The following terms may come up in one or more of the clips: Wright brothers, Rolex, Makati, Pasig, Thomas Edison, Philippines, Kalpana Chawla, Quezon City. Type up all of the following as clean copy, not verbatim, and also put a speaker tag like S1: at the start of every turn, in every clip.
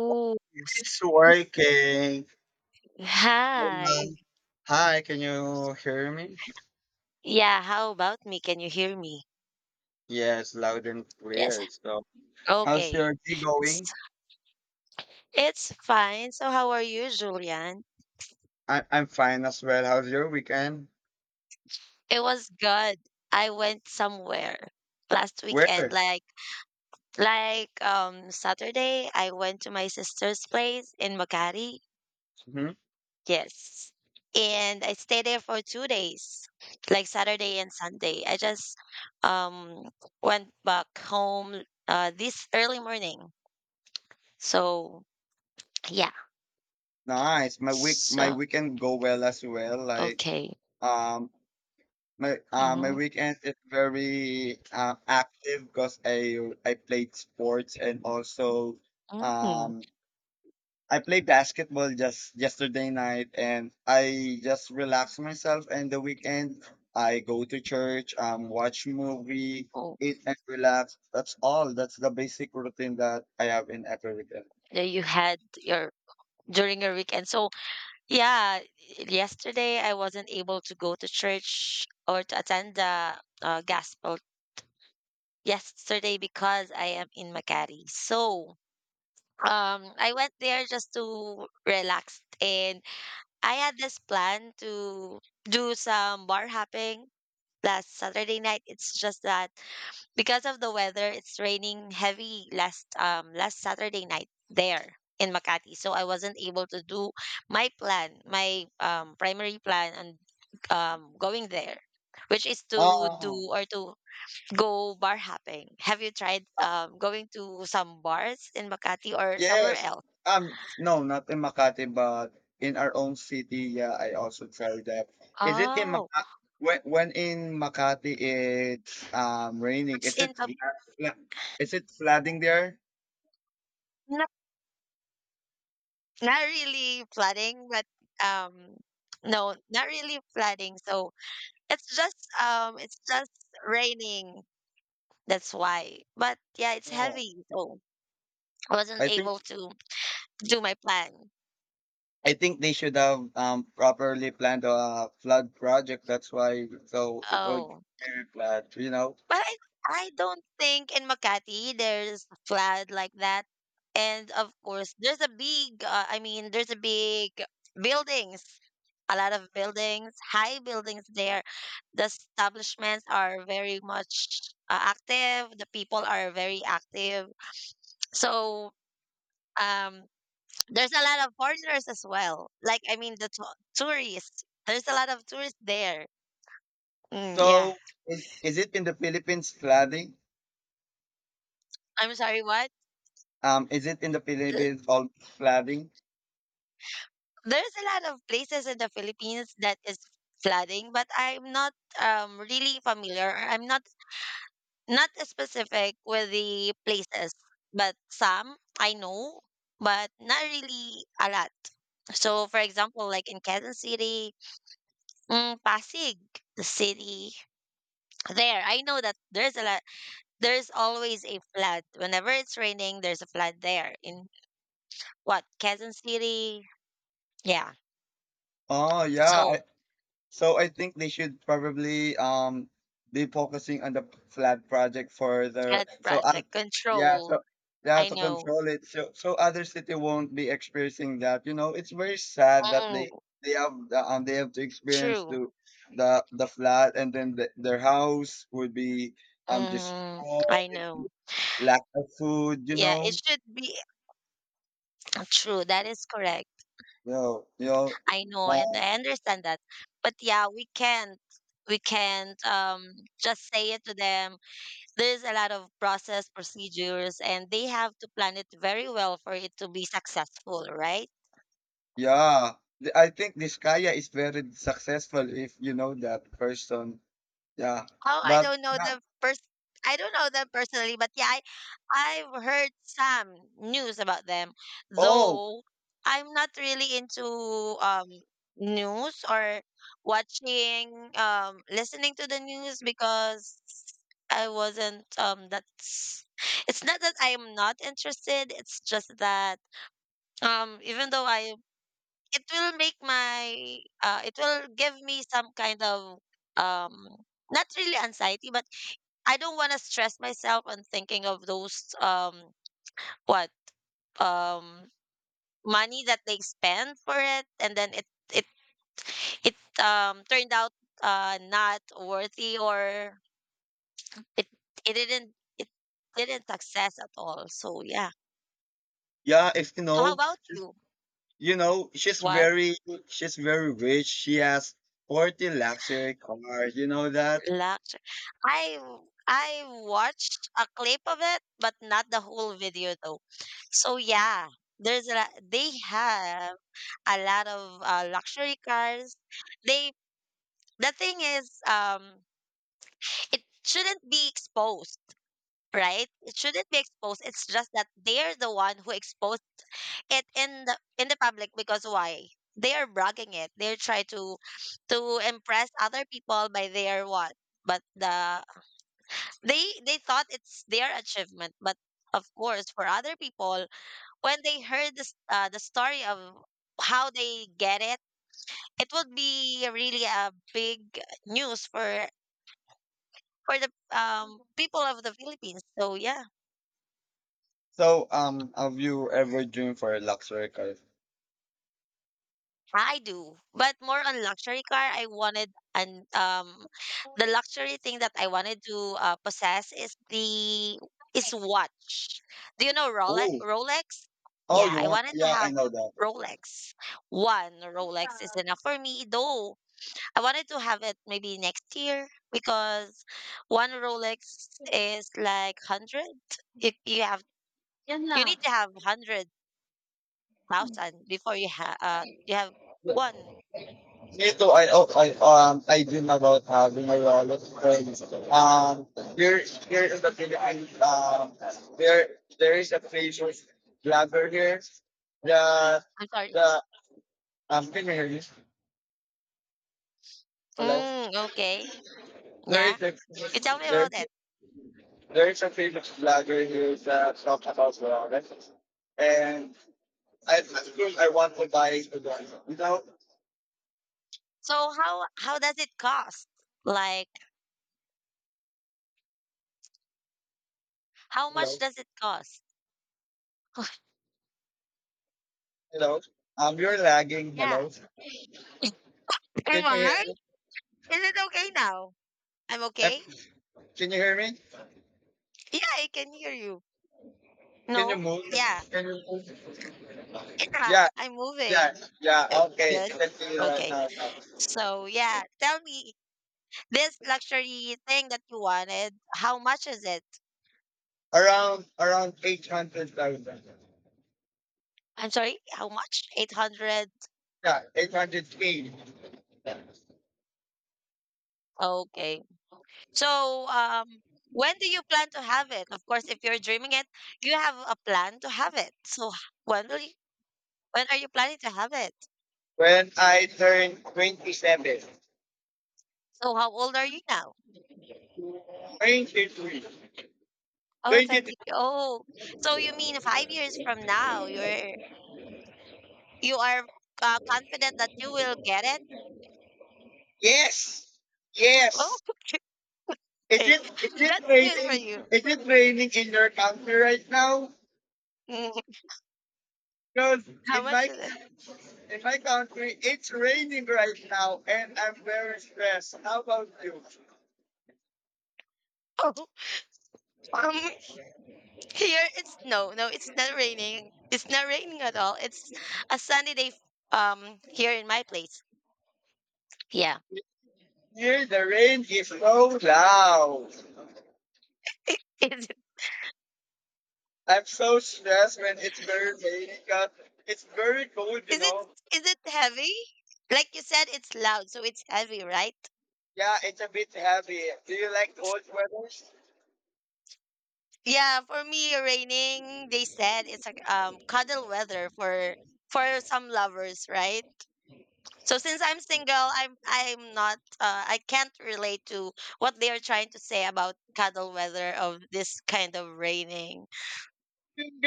S1: Oh, s-
S2: It's working.
S1: hi.
S2: Um, Hi, can you hear me?
S1: Yeah, how about me? Can you hear me?
S2: Yes, loud and
S1: Yes.
S2: clear. So, how's
S1: Okay.
S2: your day
S1: S-
S2: going?
S1: It's fine. So, how are you, Julian?
S2: I'm fine as well. How's your weekend?
S1: It was good. I went somewhere last weekend,
S2: Where?
S1: like Saturday. I went to my sister's place in Makati.
S2: Hmm.
S1: Yes. And I stayed there for 2 days, like Saturday and Sunday. I just um went back home this early morning. So. Yeah.
S2: Nice. My
S1: So,
S2: weekend go well as well. Like
S1: okay.
S2: um my my
S1: Hmm.
S2: weekend is very active because I played sports and also
S1: Hmm.
S2: um I played basketball just yesterday night and I just relax myself and the weekend I go to church, watch movie,
S1: Oh,
S2: eat and relax. That's all. That's the basic routine that I have in every weekend.
S1: that you had your during your weekend. So yeah, yesterday I wasn't able to go to church or to attend the gospel yesterday because I am in Makati. So I went there just to relax, and I had this plan to do some bar hopping last Saturday night. It's just that. Because of the weather, it's raining heavy last Saturday night there in Makati. So I wasn't able to do my plan, my primary plan on going there, which is to do
S2: Oh,
S1: or to go bar hopping. Have you tried
S2: uh,
S1: going to some bars in Makati or somewhere
S2: yes.
S1: else?
S2: Um no, not in Makati but in our own city. Yeah, I also tried that. Is it in
S1: Oh,
S2: Makati? When in Makati it's raining,
S1: it's
S2: is
S1: in
S2: it
S1: a,
S2: fla- is it flooding there?
S1: not not really flooding, but um no, not really flooding. So it's just raining. That's why. But yeah, it's
S2: Oh,
S1: heavy. So I wasn't
S2: I think
S1: able to do my plan.
S2: I think they should have properly planned a flood project. That's why, so it will be
S1: Oh.
S2: flood.
S1: But I don't think in Makati there's a flood like that. And of course, there's a big, I mean, there's a big buildings, a lot of buildings, high buildings there. The establishments are very much active. The people are very active. So, um, there's a lot of foreigners as well. Like, I mean, the tourists. There's a lot of tourists there. Mm, yeah.
S2: So, is it in the Philippines flooding?
S1: I'm sorry, what?
S2: Is it in the
S1: Uh,
S2: Philippines all flooding?
S1: There's a lot of places in the Philippines that is flooding, but I'm not really familiar. I'm not specific with the places, but some I know, but not really a lot. So, for example, like in Quezon City, Pasig, the city there, I know that there's a lot. There's always a flood. Whenever it's raining, there's a flood there in what Quezon City. Yeah.
S2: Oh yeah.
S1: So
S2: So I think they should probably be focusing on the flat project further.
S1: flood
S2: So
S1: project
S2: yeah,
S1: control.
S2: so yeah,
S1: I
S2: to
S1: know.
S2: control it, so so other city won't be experiencing that. It's very sad that
S1: Mm,
S2: they have the, they have to experience
S1: true.
S2: to the flat, and then the, their house would be just
S1: Hmm. I know.
S2: lack of food you
S1: Yeah,
S2: know
S1: it should be true. That is correct.
S2: well you know
S1: I know, and
S2: uh,
S1: I understand that. But yeah, we can't. We can't just say it to them. There's a lot of process procedures, and they have to plan it very well for it to be successful, right?
S2: yeah. I think this Kaya is very successful if you know that person. Yeah,
S1: Oh, I
S2: but
S1: don't know
S2: yeah.
S1: them. I don't know them personally, but yeah, I've heard some news about them.
S2: Oh,
S1: Though I'm not really into news or watching listening to the news because I wasn't that's it's not that I'm not interested, it's just that even though I it will make my it will give me some kind of um not really anxiety but I don't want to stress myself on thinking of those what um money that they spend for it and then it it turned out not worthy or it it didn't it didn't success at all. So yeah.
S2: yeah. If you
S1: So how
S2: know,
S1: about you?
S2: you know, she's
S1: What
S2: very, she's very rich. She has 40 luxury cars. You know that.
S1: luxury? I watched a clip of it, but not the whole video though. So yeah, there's a, they have a lot of luxury cars. They the thing is, it shouldn't be exposed, right? It shouldn't be exposed. It's just that they're the one who exposed it in the public because why? They are bragging it. They try to impress other people by their what? But they thought it's their achievement, but of course, for other people, when they heard this the story of how they get it would be really a big news for the people of the Philippines. So yeah,
S2: So, have you ever dreamed for a luxury car?
S1: I do. But more on luxury car, I wanted and the luxury thing that I wanted to possess is the is watch. Do you know Rolex?
S2: Oh,
S1: Rolex?
S2: oh,
S1: Yeah,
S2: you
S1: I
S2: want?
S1: wanted to
S2: Yeah, I
S1: have
S2: know
S1: Rolex. One Rolex is enough for me, though I wanted to have it maybe next year because one Rolex is like hundred. You have you need to have 100,000 before you have
S2: that.
S1: one.
S2: Me too. I dream about having a lot of friends. Um, here, here in the Philippines, there is a place with blogger here. The,
S1: I'm sorry.
S2: the, can you hear me? Hello.
S1: Mm, okay.
S2: There
S1: Yeah.
S2: is a
S1: You tell me
S2: there,
S1: about it.
S2: there is a famous blogger who's talked about ramen, and I think I want to buy the one. Hello,
S1: So how does it cost? Like how
S2: hello,
S1: much does it cost?
S2: hello. You're lagging.
S1: Yeah.
S2: Hello. Can
S1: Am
S2: you hear
S1: I?
S2: me?
S1: Is it okay now? I'm
S2: Eh,
S1: okay.
S2: Can you hear me?
S1: Yeah, I can hear you.
S2: Can you
S1: No.
S2: move?
S1: Yeah. Yeah.
S2: Yeah,
S1: I'm moving.
S2: yeah,
S1: Uh,
S2: yeah. Okay,
S1: Good.
S2: let can see right
S1: Okay.
S2: now.
S1: So yeah, tell me this luxury thing that you wanted, how much is it?
S2: Around 800,000.
S1: I'm sorry, how much? 800.
S2: Yeah, 800 k.
S1: Okay. So when do you plan to have it? Of course, if you're dreaming it, you have a plan to have it. So when will you, when are you planning to have it?
S2: When I turned 27,
S1: So how old are you now?
S2: 23.
S1: Oh, 20. Oh, so you mean 5 years from now, you are confident that you will get it?
S2: Yes.
S1: Oh,
S2: Yes.
S1: okay.
S2: Is it
S1: That's good for
S2: raining?
S1: you.
S2: Is it raining in your country right now?
S1: Mm.
S2: Because
S1: How much is it?
S2: in my country it's raining right now and I'm very stressed. How about you?
S1: Oh, um, here it's no, no, it's not raining. It's not raining at all. It's a sunny day, here in my place. Yeah.
S2: Here the rain is so loud.
S1: I- Is it,
S2: I'm so stressed when it's very rainy because it's very cold, you
S1: is it,
S2: know.
S1: is it heavy? Like you said, it's loud, so it's heavy, right?
S2: Yeah, it's a bit heavy. Do you like cold weather?
S1: Yeah, for me, raining, they said it's like cuddle weather for some lovers, right? So since I'm single, I'm not, I can't relate to what they are trying to say about cuddle weather of this kind of raining.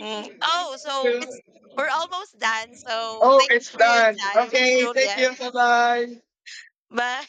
S1: Mm. Oh, so
S2: Yeah.
S1: it's we're almost done. So
S2: Oh,
S1: thank you
S2: it's
S1: for your
S2: done.
S1: time,
S2: Okay, thank you.
S1: Juliet.
S2: Bye bye.
S1: Bye.